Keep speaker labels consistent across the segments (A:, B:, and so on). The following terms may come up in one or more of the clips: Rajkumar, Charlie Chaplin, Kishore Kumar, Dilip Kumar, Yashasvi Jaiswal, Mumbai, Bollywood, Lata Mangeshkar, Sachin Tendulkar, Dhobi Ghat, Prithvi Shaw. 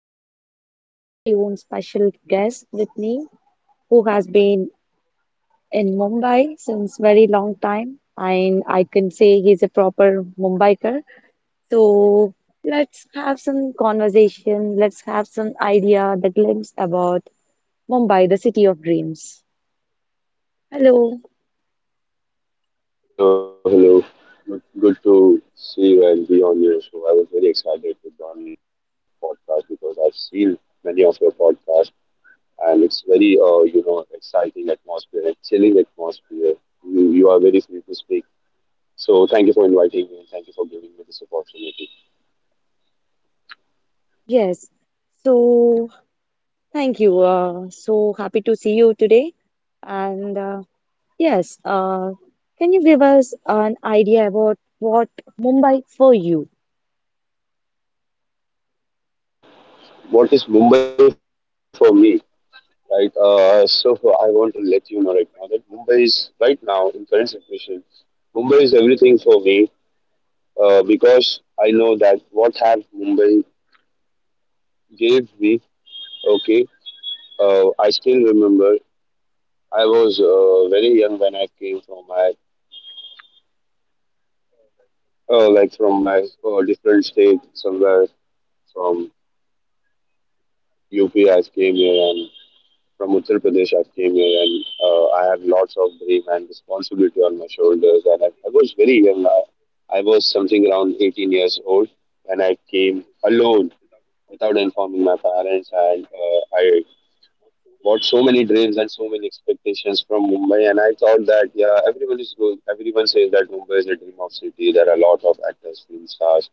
A: have our very own special guest with me who has been in Mumbai since very long time, and I can say he's a proper Mumbaiker. So, let's have some conversation, let's have some idea, the glimpse about Mumbai, the city of dreams. Hello,
B: Hello, hello. Good, good to see you and be on your show. I was very excited to join your podcast because I've seen many of your podcasts, and it's very, exciting atmosphere and chilling atmosphere. You are very free to speak. So thank you for inviting me and thank you for giving me this opportunity.
A: yes. So, thank you. So happy to see you today. And uh, Yes, uh, can you give us an idea about what Mumbai for you?
B: What is Mumbai for me? Right. So I want to let you know, right now that Mumbai is right now in current situation. Mumbai is everything for me, because I know that what have Mumbai gave me. Okay. I still remember, I was very young when I came from my uh, like from my different state somewhere. From UP I came here, and from Uttar Pradesh I came here, and I have lots of dream and responsibility on my shoulders, and I was very young. I was something around 18 years old when I came alone, without informing my parents. And I bought so many dreams and so many expectations from Mumbai, and I thought that, yeah, everyone is going. Everyone says that Mumbai is a dream of city. There are a lot of actors, film stars,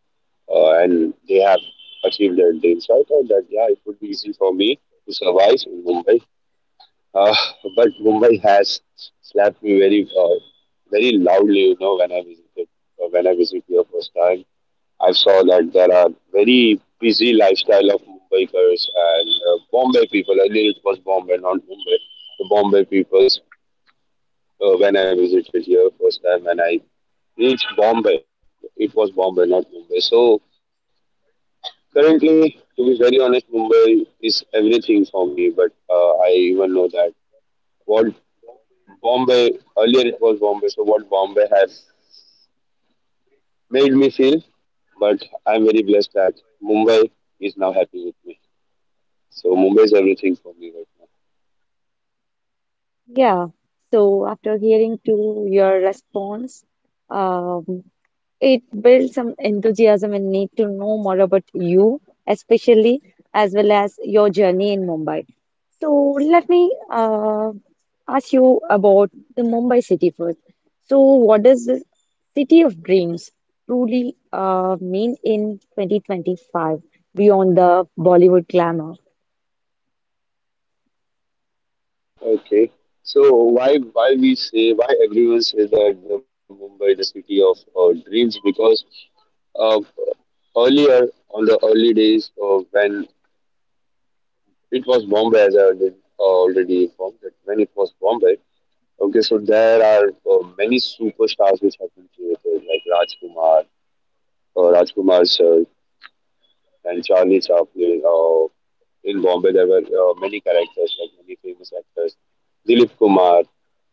B: and they have achieved their dreams. So I thought that, yeah, it would be easy for me to survive in Mumbai. Uh, but Mumbai has slapped me very, very loudly. You know, when I visited, when I visited here first time, I saw that there are very busy lifestyle of Mumbaikars and Bombay people. Earlier it was Bombay, not Mumbai. The Bombay peoples, when I visited here first time, when I reached Bombay, it was Bombay, not Mumbai. So currently, to be very honest, Mumbai is everything for me. But I even know that what Bombay, earlier it was Bombay. So what Bombay has made me feel, but I'm very blessed that Mumbai is now happy with me. So Mumbai is everything for me right now.
A: Yeah, so after hearing to your response, um, it builds some enthusiasm and need to know more about you, especially as well as your journey in Mumbai. So let me ask you about the Mumbai city first. So what does the city of dreams truly mean in 2025 beyond the Bollywood glamour?
B: Okay. So why we say, why everyone says that the Mumbai is the city of dreams, because uh, earlier on the early days, when it was Bombay, as I already informed, that when it was Bombay. Okay, so there are many superstars which have been created, like Rajkumar sir, and Charlie Chaplin. In Bombay, there were many characters, like many famous actors, Dilip Kumar.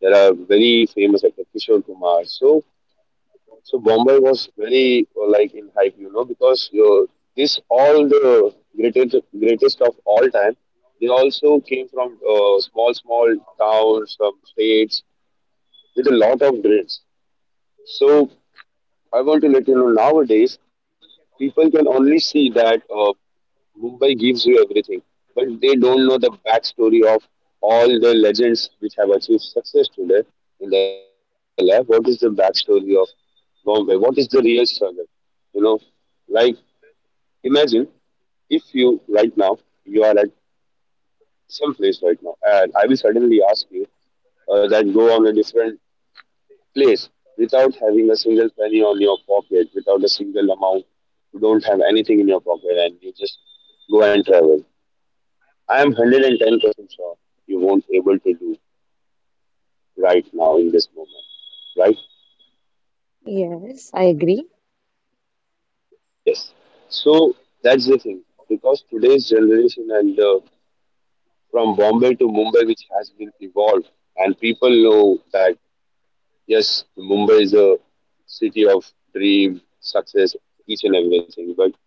B: There are very famous actors, Kishore Kumar. So Bombay was very like in hype, you know, because this all the greatest greatest of all time. They also came from small small towns, from states with a lot of grades. So I want to let you know, nowadays people can only see that Mumbai gives you everything, but they don't know the backstory of all the legends which have achieved success today in their life. What is the backstory of Bombay? What is the real struggle? You know, like, imagine, if you right now, you are at some place right now, and I will suddenly ask you that, go on a different place, without having a single penny on your pocket, without a single amount, you don't have anything in your pocket, and you just go and travel. I am 110% sure you won't able to do right now in this moment, right?
A: Yes, I agree.
B: Yes. So that's the thing, because today's generation and from Bombay to Mumbai, which has been evolved, and people know that, yes, Mumbai is a city of dream, success, each and everything. But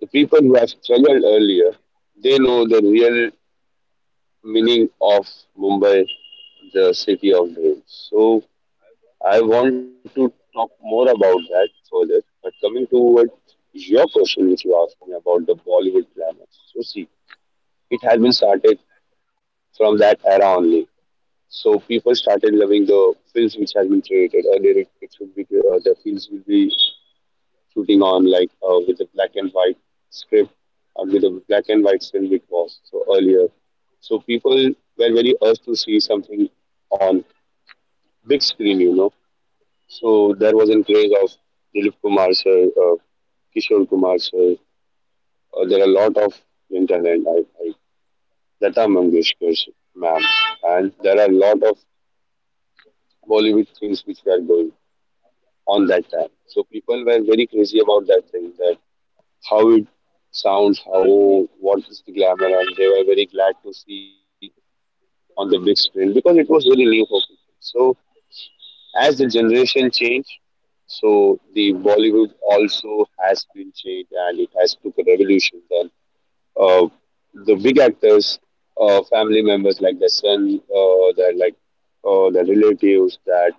B: the people who have struggled earlier, they know the real meaning of Mumbai, the city of dreams. So I want to talk more about that further. But coming towards your question, which you asked me about the Bollywood glamour. So, see, it has been started from that era only. So, people started loving the films which has been created. Earlier, it should be the films will be shooting on, like, with a black and white script, or with a black and white film it was. So, earlier. So, people were very urged to see something on big screen, so there was, in case of Dilip Kumar sir, Kishore Kumar sir. There are a lot of Indian talent. Lata Mangeshkar ma'am, and there are a lot of Bollywood things which were going on that time. So people were very crazy about that thing, that how it sounds, how what is the glamour, and they were very glad to see on the big screen, because it was really new for people. So as the generation change, so the Bollywood also has been changed, and it has took a revolution. Then uh, the big actors, family members, like the son, that, like, the relatives, that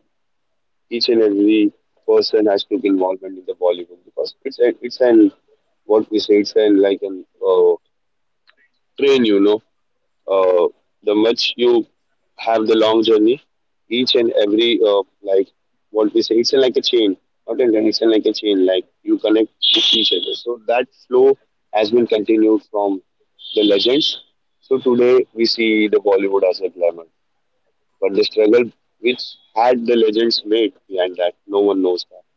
B: each and every person has took involvement in the Bollywood, because it's an, what we say, it's an like an train, you know, uh, the much you have, the long journey, each and every, like, what we say, it's like a chain, not a, it's like a chain, like, you connect with each other, so that flow has been continued from the legends. So today we see the Bollywood as a glamour, but the struggle which had the legends made behind that, no one knows that.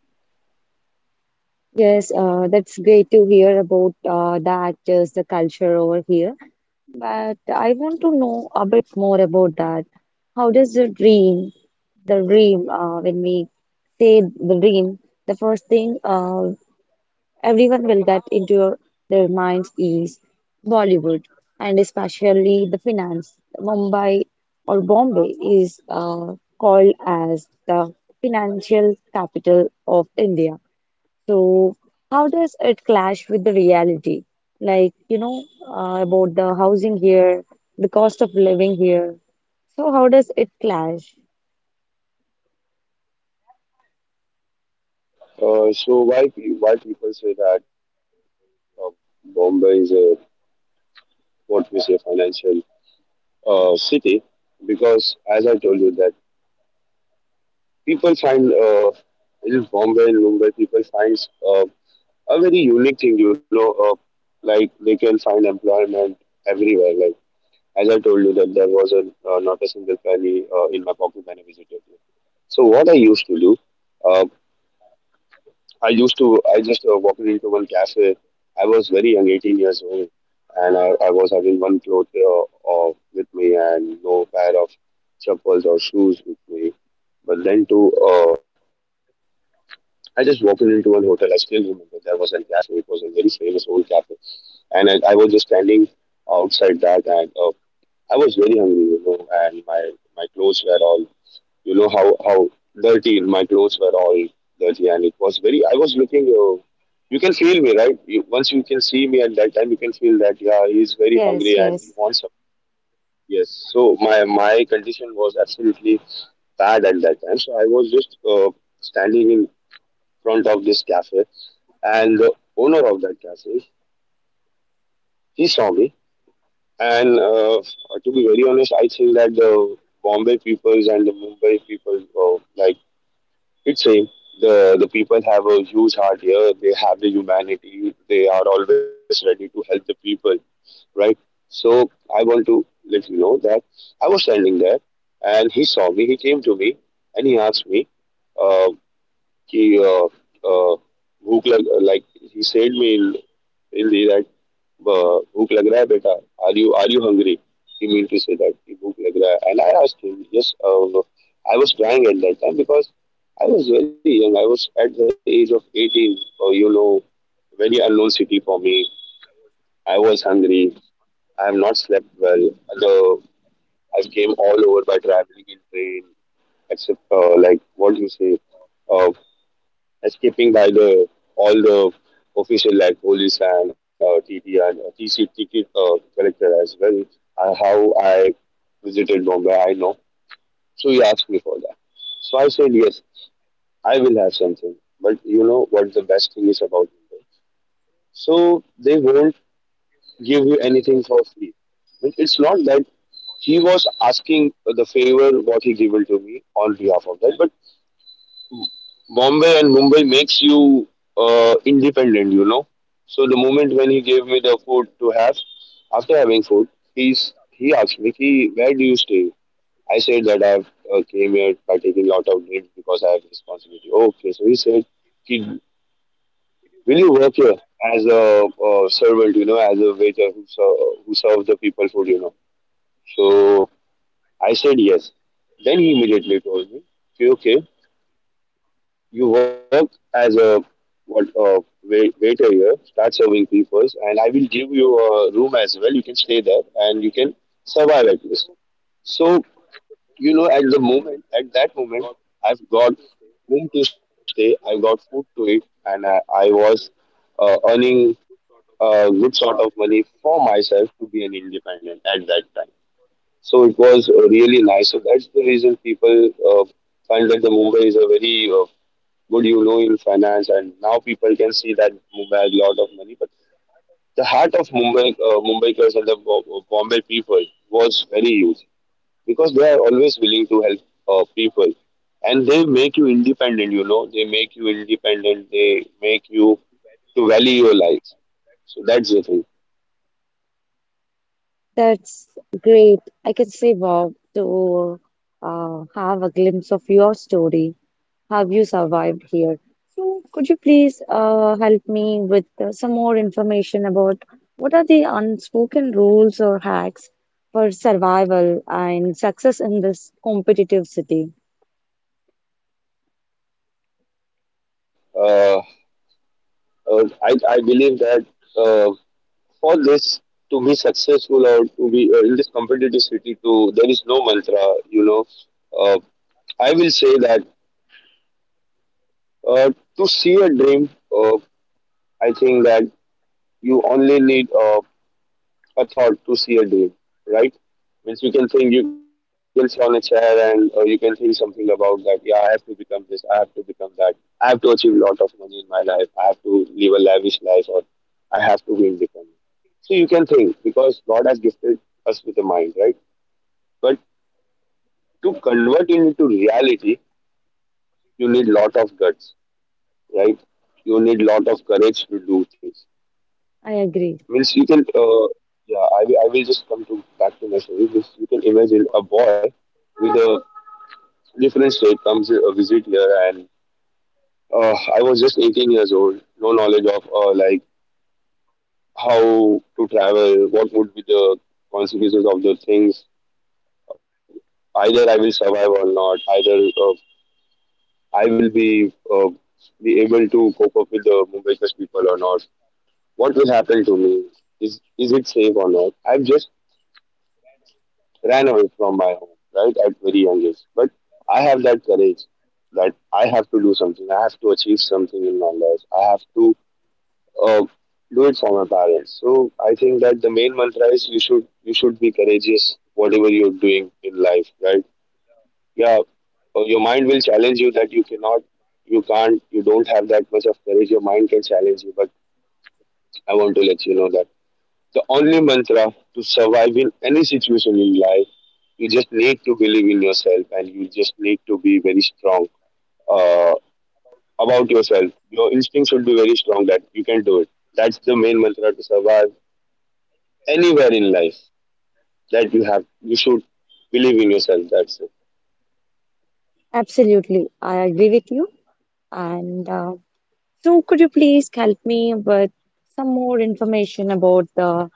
A: Yes, that's great to hear about the actors, the culture over here. But I want to know a bit more about that. How does the dream, The dream, when we say the dream, the first thing everyone will get into their minds is Bollywood, and especially the finance. Mumbai or Bombay is called as the financial capital of India. So, how does it clash with the reality? Like, you know, about the housing here, the cost of living here. So, how does it clash?
B: So why people say that Bombay is a, what we say, financial city, because, as I told you, that people find in Bombay and Mumbai, people find uh, a very unique thing. You know, like, they can find employment everywhere. Like, as I told you, that there was a, not a single penny in my pocket when I visited you. So what I used to do. uh, I just walked into one cafe. I was very young, 18 years old, and I was having one cloth, with me, and no pair of chappals or shoes with me. But then to, I just walked into one hotel. I still remember, there was a cafe. It was a very famous old cafe, and I was just standing outside that, and I was very hungry, and my clothes were all, you know how dirty, my clothes were all dirty, and it was very, I was looking, you can feel me, right? Once you can see me at that time, you can feel that, yeah, he's very
A: Yes,
B: hungry, and he
A: yes,
B: wants something. Yes. So my condition was absolutely bad at that time. So I was just standing in front of this cafe, and the owner of that cafe, he saw me. And to be very honest, I think that the Bombay peoples and the Mumbai people, like, it's same. The people have a huge heart here. They have the humanity. They are always ready to help the people, right? So I want to let you know that I was standing there, and he saw me. He came to me, and he asked me, uh, कि uh, भूख लग, like, he said me in Hindi that, भूख लग रहा है बेटा, are you hungry, he mean to say that कि भूख लग रहा है. And I asked him, yes. I was crying at that time, because I was very young. I was at the age of 18, you know, very unknown city for me. I was hungry. I have not slept well. The I came all over by traveling in train, except like, what you say, uh, escaping by the all the official, like, police, and TT, and TC ticket collector as well. How I visited Bombay, I know. So he asked me for that. So I said, yes, I will have something. But you know what the best thing is about Bombay? So they won't give you anything for free. But it's not that he was asking the favor what he given to me on behalf of that, but Bombay and Mumbai makes you independent. So the moment when he gave me the food to have, after having food, he asked me, "Ki, where do you stay? I said that I've came here by taking lot of leave, because I have responsibility." Okay, so he said, "Ki, will you work here as a servant, you know, as a waiter who serves the people food, you know?" So I said yes. Then he immediately told me, "Ki, okay, you work as a waiter here, start serving people, and I will give you a room as well. You can stay there and you can survive at least." So you know, at the moment at that moment, I've got room to stay, I've got food to eat, and I was earning a good sort of money for myself, to be an independent at that time. So it was really nice. So that's the reason people find that the Mumbai is a very good, you know, in finance, and now people can see that Mumbai has a lot of money. But the heart of Mumbai, Mumbaikers and the Bombay people, was very huge, because they are always willing to help people, and they make you independent, you know, they make you independent, they make you to value your life. So that's the thing.
A: that's great. I can say, wow, to have a glimpse of your story. Have you survived here? So could you please help me with some more information about what are the unspoken rules or hacks for survival and success in this competitive city?
B: Uh, I believe that, uh, for this to be successful or to be in this competitive city, to there is no mantra. You know, uh, I will say that, uh, to see a dream, uh, I think that you only need a thought to see a dream, right? Means you can think, you can sit on a chair and you can think something about that. Yeah, I have to become this. I have to become that. I have to achieve a lot of money in my life. I have to live a lavish life, or I have to be independent. So you can think, because God has gifted us with a mind, right? But to convert it into reality, you need lot of guts, right? You need lot of courage to do things.
A: I agree.
B: Means you can, I will just come to back to my story. Means you can imagine a boy with a different state comes a visit here, and I was just 18 years old, no knowledge of like how to travel, what would be the consequences of the things. Either I will survive or not. Either I will be able to cope up with the Mumbai people or not. What will happen to me? Is it safe or not? I've just ran away from my home, right, at very young age. But I have that courage that I have to do something. I have to achieve something in my life. I have to uh, do it for my parents. So I think that the main mantra is, you should be courageous whatever you're doing in life, right? Yeah, your mind will challenge you that you cannot, you can't, you don't have that much of courage. Your mind can challenge you, but I want to let you know that the only mantra to survive in any situation in life, you just need to believe in yourself and you just need to be very strong uh, about yourself. Your instinct should be very strong that you can do it. That's the main mantra to survive anywhere in life. You should believe in yourself. That's it.
A: Absolutely. I agree with you. And so could you please help me with some more information about the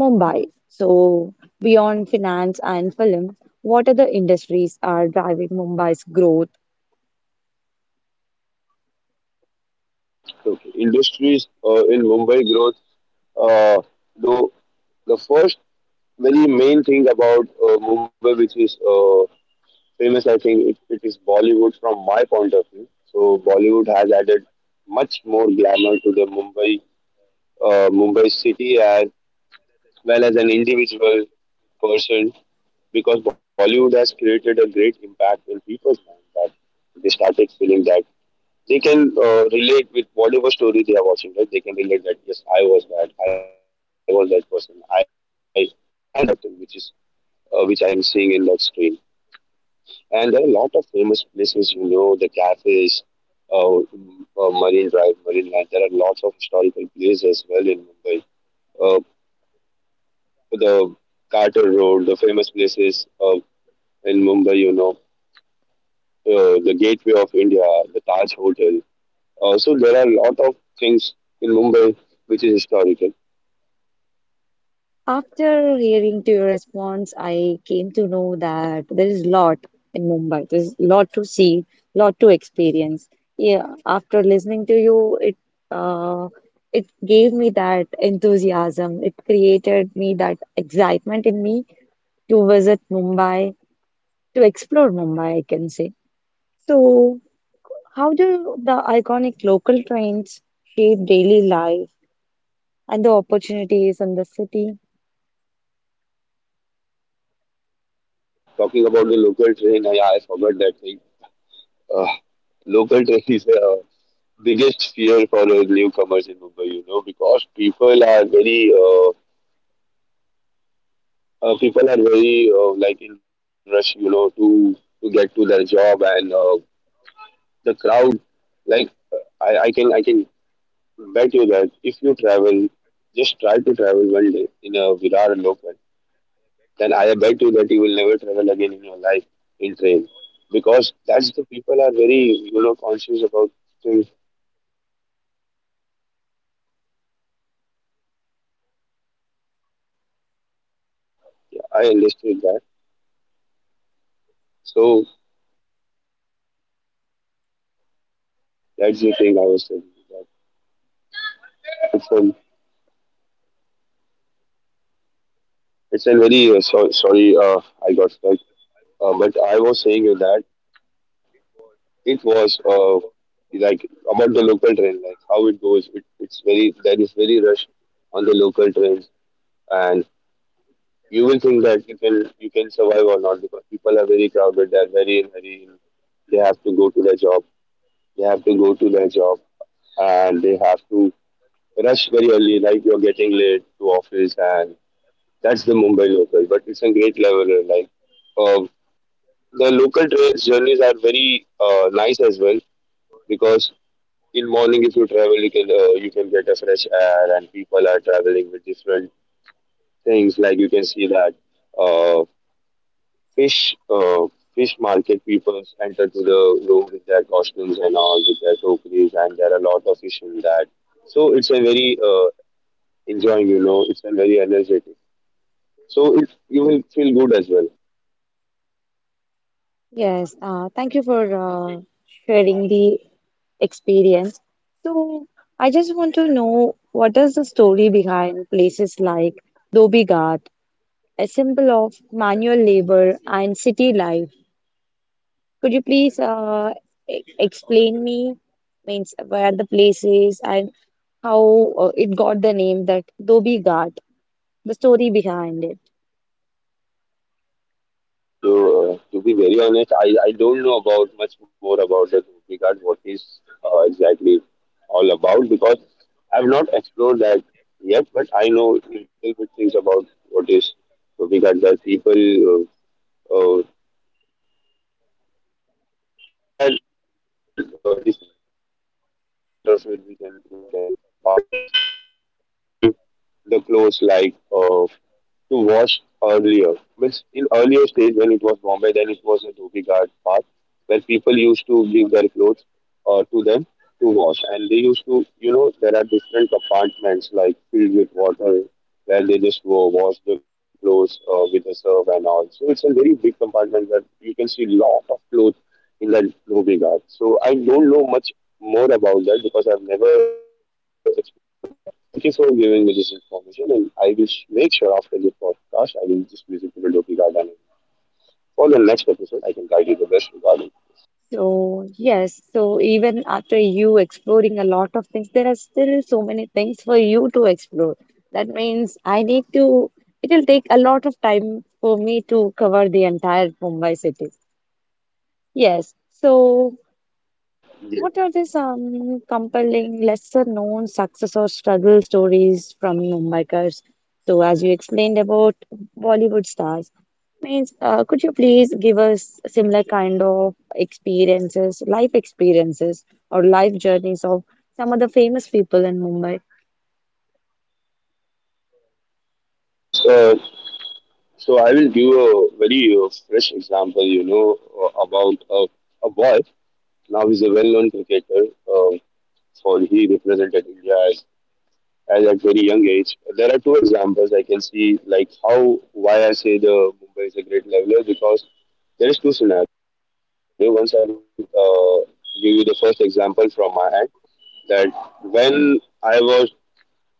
A: Mumbai? So beyond finance and film, what other industries are driving Mumbai's growth?
B: Okay. Industries in Mumbai growth, uh, though the first very main thing about Mumbai, which is famous, I think it is Bollywood from my point of view. So Bollywood has added much more glamour to the Mumbai Mumbai city, as well as an individual person, because Bollywood has created a great impact in people's minds, that they started feeling that they can relate with whatever story they are watching, right? They can relate that, yes, I was that person, I am that person, which I am seeing in that screen. And there are a lot of famous places, you know, the cafes, uh, Marine Drive, Marine Land. There are lots of historical places as well in Mumbai. Uh, the Carter Road, the famous places in Mumbai, you know, the Gateway of India, the Taj Hotel. So there are a lot of things in Mumbai which is historical.
A: After hearing to your response, I came to know that there is lot in Mumbai. There's lot to see, lot to experience. Yeah, after listening to you, uh, it gave me that enthusiasm. It created me that excitement in me to visit Mumbai, to explore Mumbai, I can say. So, how do the iconic local trains shape daily life and the opportunities in the city?
B: Talking about the local train, I forgot that thing. uh, Local train is the biggest fear for newcomers in Mumbai, you know, because people are people are very like in rush, you know, to get to their job, and the crowd. Like I can bet you that if you travel, just try to travel one day in a Virar local, then I bet you that you will never travel again in your life in train, because that's the people are very, you know, conscious about things. Yeah, I understood that. So that's the thing I was saying. That it's an It's a very sorry, I got stuck, but I was saying you that it was like about the local train, like how it goes. It's very, there is very rush on the local trains, and you will think that you can survive or not because people are very crowded. They are very in very They have to go to their job. They have to go to their job, and They have to rush very early. Like you're getting late to office, and that's the Mumbai local, but it's a great leveler. Like uh, the local trains journeys are very nice as well, because in morning if you travel, you can get a fresh air, and people are traveling with different things. Like you can see that uh, fish uh, fish market people enter to the room with their costumes and all with their tokeries, and there are a lot of fish in that. So it's a very enjoying, you know, it's a very energetic. So it, you will feel good as well.
A: Yes, thank you for sharing the experience. So, I just want to know what is the story behind places like Dhobi Ghat, a symbol of manual labor and city life. Could you please e explain me means where the place is and how it got the name that Dhobi Ghat, the story behind it?
B: So, to be very honest, I don't know about much more about the Ruby card, what is exactly all about, because I've not explored that yet, but I know little bit things about what is Ruby card. The people uh, uh, there is an different compartments. So the water field we can like as compartments. So people wash or people give the clothes like to wash earlier. But in earlier stage when it was Bombay, then it was a Dhobi Ghat part where people used to give their clothes to them to wash, and they used to, you know, there are different compartments like filled with water where they just go wash the clothes with a serve and all. So it's a very big compartment that you can see lot of clothes in that Ruby Guard. So I don't know much more about that because I've never explored that. Thank you for giving me this information, and I will make sure after this podcast I will just visit to the Loki Guard, and for the next episode I can guide you the best regarding.
A: So, yes, so even after you exploring a lot of things, there are still so many things for you to explore. That means it will take a lot of time for me to cover the entire Mumbai city. Yes, so.
B: Yes,
A: What are the some compelling, lesser known success or struggle stories from Mumbaikars? So, as you explained about Bollywood stars, means could you please give us similar kind of experiences, life experiences, or life journeys of some of the famous people in Mumbai?
B: yes. So I will give a very fresh example. You know, about a boy. Now he's a well-known cricketer. Um for he represented India as at very young age. There are two examples I can see, like how, why I say the Mumbai is a great leveler, because there is two scenario. Once I will give you the first example from my end, that when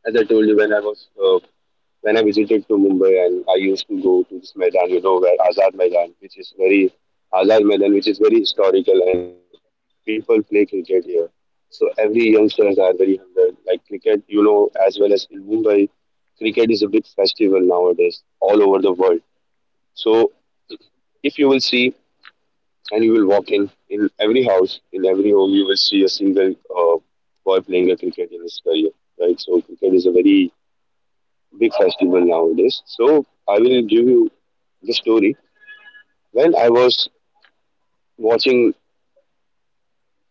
B: as I told you, when I was when I visited to Mumbai, and I used to go to this Maidan, you know, where Azad Maidan, which is very Azad Maidan, which is very historical, and people play cricket here. So every youngsters are very hungry. Like cricket, you know, as well as in Mumbai, cricket is a big festival nowadays all over the world. So if you will see and you will walk in every house, in every home, you will see a single boy playing a cricket in his career, right? So cricket is a very big festival nowadays. So I will give you the story. When I was watching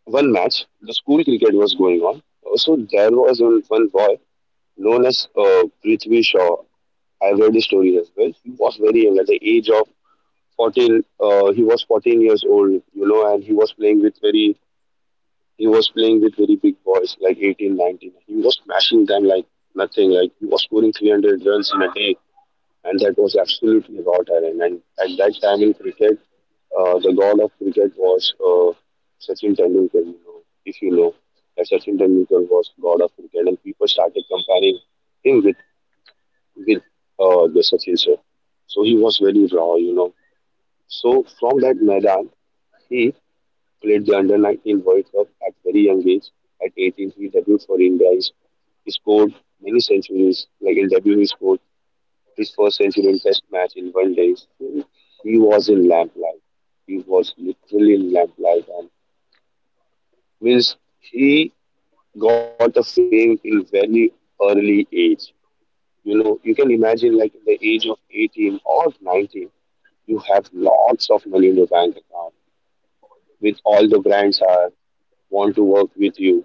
B: one match, the school cricket was going on. So there was one boy known as Prithvi Shaw. I've read his story as well. He was very young at the age of 14. He was 14 years old, you know, and he was playing with very, big boys like 18, 19. He was smashing them like nothing. Like he was scoring 300 runs in a day, and that was absolutely raw talent. And at that time in cricket, the god of cricket was Sachin Tendulkar. You know, if you know that Sachin Tendulkar was god of cricket, and people started comparing him with the Sachin sir. So he was very raw, you know. So from that Maidan, he played the under 19 World Cup at very young age. At 18, he debuted for India. He scored many centuries. Like in debut, he scored his first century in Test match in one day. He was in lamplight. He was literally in lamplight, and means he got the fame in very early age. You know, you can imagine like in the age of 18 or 19, you have lots of money in your bank account. With all the brands are want to work with you,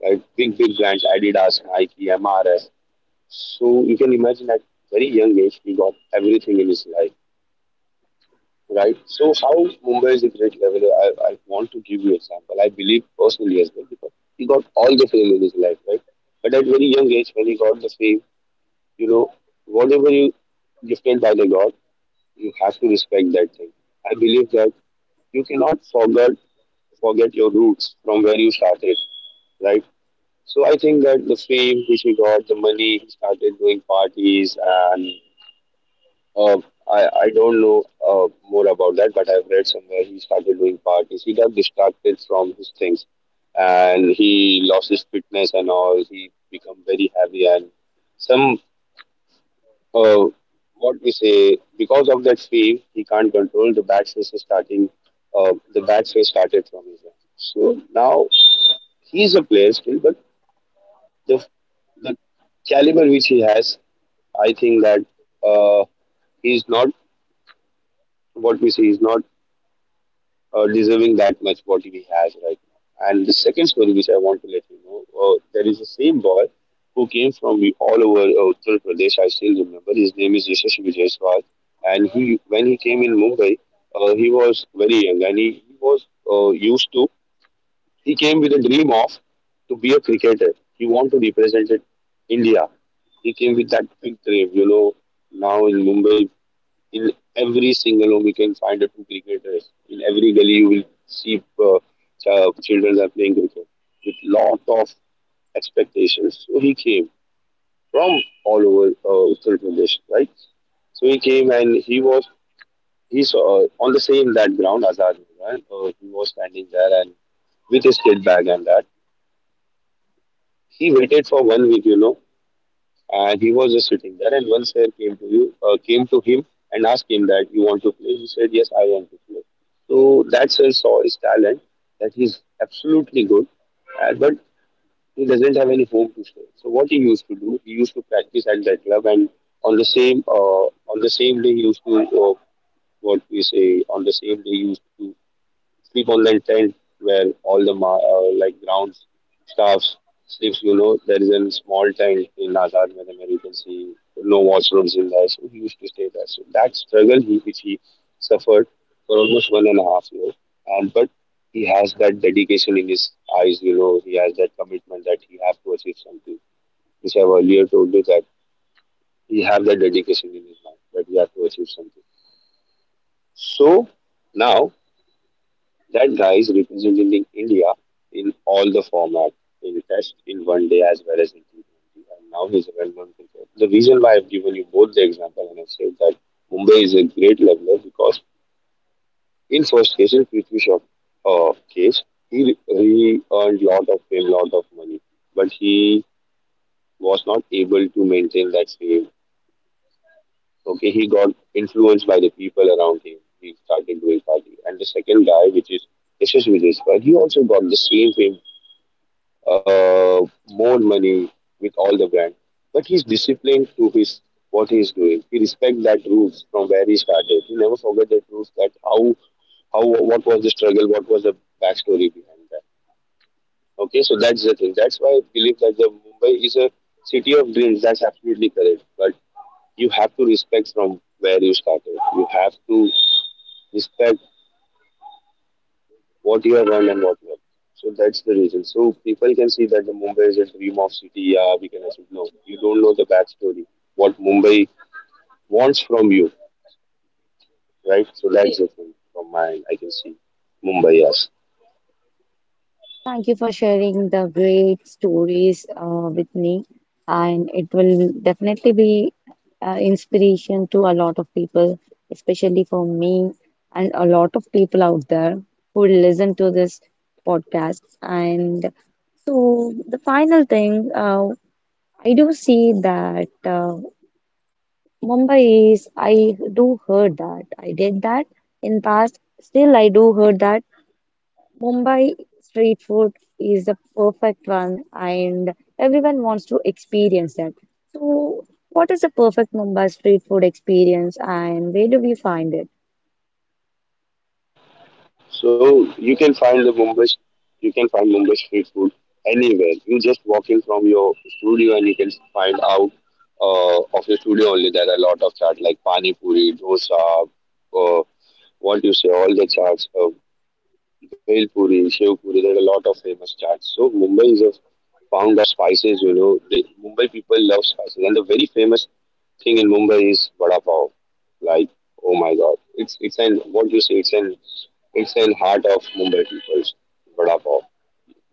B: right? Big brands, Adidas, Nike, MRS. So you can imagine at very young age he got everything in his life, right? So how Mumbai is a great leveler, I want to give you an example. I believe personally as well because he got all the fame in his life, right? But at very young age, when he got the fame, you know, whatever you gifted by the God, you have to respect that thing. I believe that you cannot forget your roots from where you started, right? So I think that the fame which he got, the money he started doing parties and uh, I don't know more about that, but I've read somewhere he started doing parties. He got distracted from his things and he lost his fitness and all. He become very heavy and some, uh, what we say, because of that fame, he can't control the bad face is starting, the bad face started from his end. So now he's a player still, but the, the caliber which he has, I think that uh, he's not, what we say, he's not deserving that much what he has right now. And the second story which I want to let you know, there is the same boy who came from all over Uttar Pradesh. I still remember his name is Yashash Vijayaswal, and he when he came in Mumbai, he was very young and he was used to. He came with a dream of to be a cricketer. He wanted to represent it India. He came with that big dream, you know. Now in Mumbai, in every single home, you can find a two cricketers. In every gully, you will see children are playing cricket with lot of expectations. So he came from all over Uttar Pradesh, right? So he came and he saw on the same that ground Azad Maidan. He was standing there and with his kid bag and that he waited for 1 week, you know, and he was just sitting there and one player came to you came to him and asked him that you want to play. He said yes, I want to play. So that sir saw his talent that he's absolutely good, but he doesn't have any home to stay. So what he used to do, he used to practice at that club and on the same uh, on the same day he used to what we say, on the same day he used to sleep on the tent where all the like ground staffs sleeps. You know, there is a small tent in Azad Madan where you can see no washrooms in there. So he used to stay there. So that struggle which he suffered for almost one and a half year, and but he has that dedication in his eyes. You know, he has that commitment that he have to achieve something. Which I've earlier told you that he have that dedication in his mind that he have to achieve something. So now that guy is representing India in all the format, in Test, in One Day, as well as in T20. And now he's a well-known cricketer. The reason why I've given you both the example and I've said that Mumbai is a great leveler because in first case, in Prithvi Shaw case, he earned lot of fame, lot of money, but he was not able to maintain that fame. Okay, he got influenced by the people around him. He started doing party. And the second guy, which is Yashasvi Jaiswal, he also got the same fame, uh, more money with all the brand. But he's disciplined to his what he's doing. He respect that rules from where he started. He never forget that rules that how what was the struggle, what was the backstory behind that. Okay, so that's the thing. That's why I believe that the Mumbai is a city of dreams. That's absolutely correct. But you have to respect from where you started. You have to respect what you have earned and what you have. So that's the reason. So people can see that the Mumbai is a dream of city. Yeah, we can assume no. You don't know the backstory. What Mumbai wants from you, right? So that's the thing from my end. I can see Mumbai. Yes.
A: Thank you for sharing the great stories with me, and it will definitely be inspiration to a lot of people, especially for me and a lot of people out there who listen to this podcast. And so, the final thing, I do see that Mumbai is. I do heard that I did that in past. Still, I do heard that Mumbai street food is the perfect one, and everyone wants to experience that. So, what is the perfect Mumbai street food experience, and where do we find it?
B: So you can find the Mumbai, you can find Mumbai street food anywhere. You just walk in from your studio and you can find out of your studio only. There are a lot of chaat like pani puri, dosa, uh, what you say, all the chaats, bhel puri, shev puri. There are a lot of famous chaats. So Mumbai is a pound of spices. You know, the Mumbai people love spices, and the very famous thing in Mumbai is vada pav. Like, oh my God, it's an what you say, it's an it's in heart of Mumbai people's vada pav.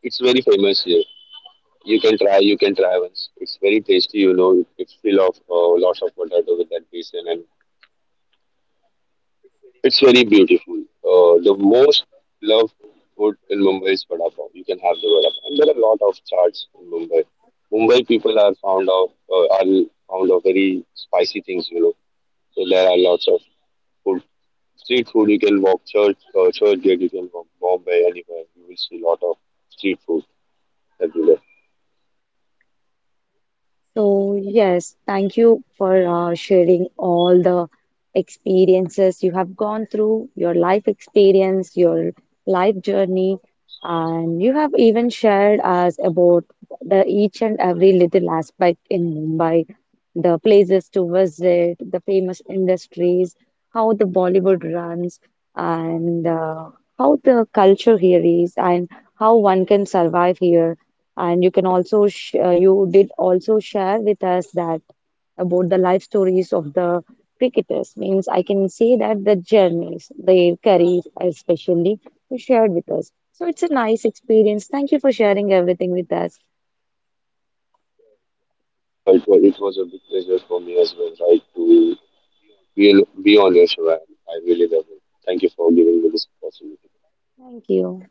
B: It's very famous here. You can try once. It's very tasty, you know. It's full of lots of potato with that basin, and it's very beautiful. The most loved food in Mumbai is vada pav. You can have the vada pav. And there are a lot of charts in Mumbai. Mumbai people are fond of, are fond of very spicy things, you know. So there are lots of food, street food. You can walk church, church gate. You can walk Bombay anywhere. You will see a lot of street food everywhere.
A: So, yes, thank you for sharing all the experiences you have gone through, your life experience, your life journey, and you have even shared us about the each and every little aspect in Mumbai, the places to visit, the famous industries, how the Bollywood runs, and how the culture here is, and how one can survive here. And you can also, sh you did also share with us that about the life stories of the cricketers. Means I can say that the journeys, their career, especially, you shared with us. So it's a nice experience. Thank you for sharing everything with us.
B: Yeah, it was a big pleasure for me as well, right? To be on your show, and I really love it. Thank you for giving me this opportunity.
A: Thank you.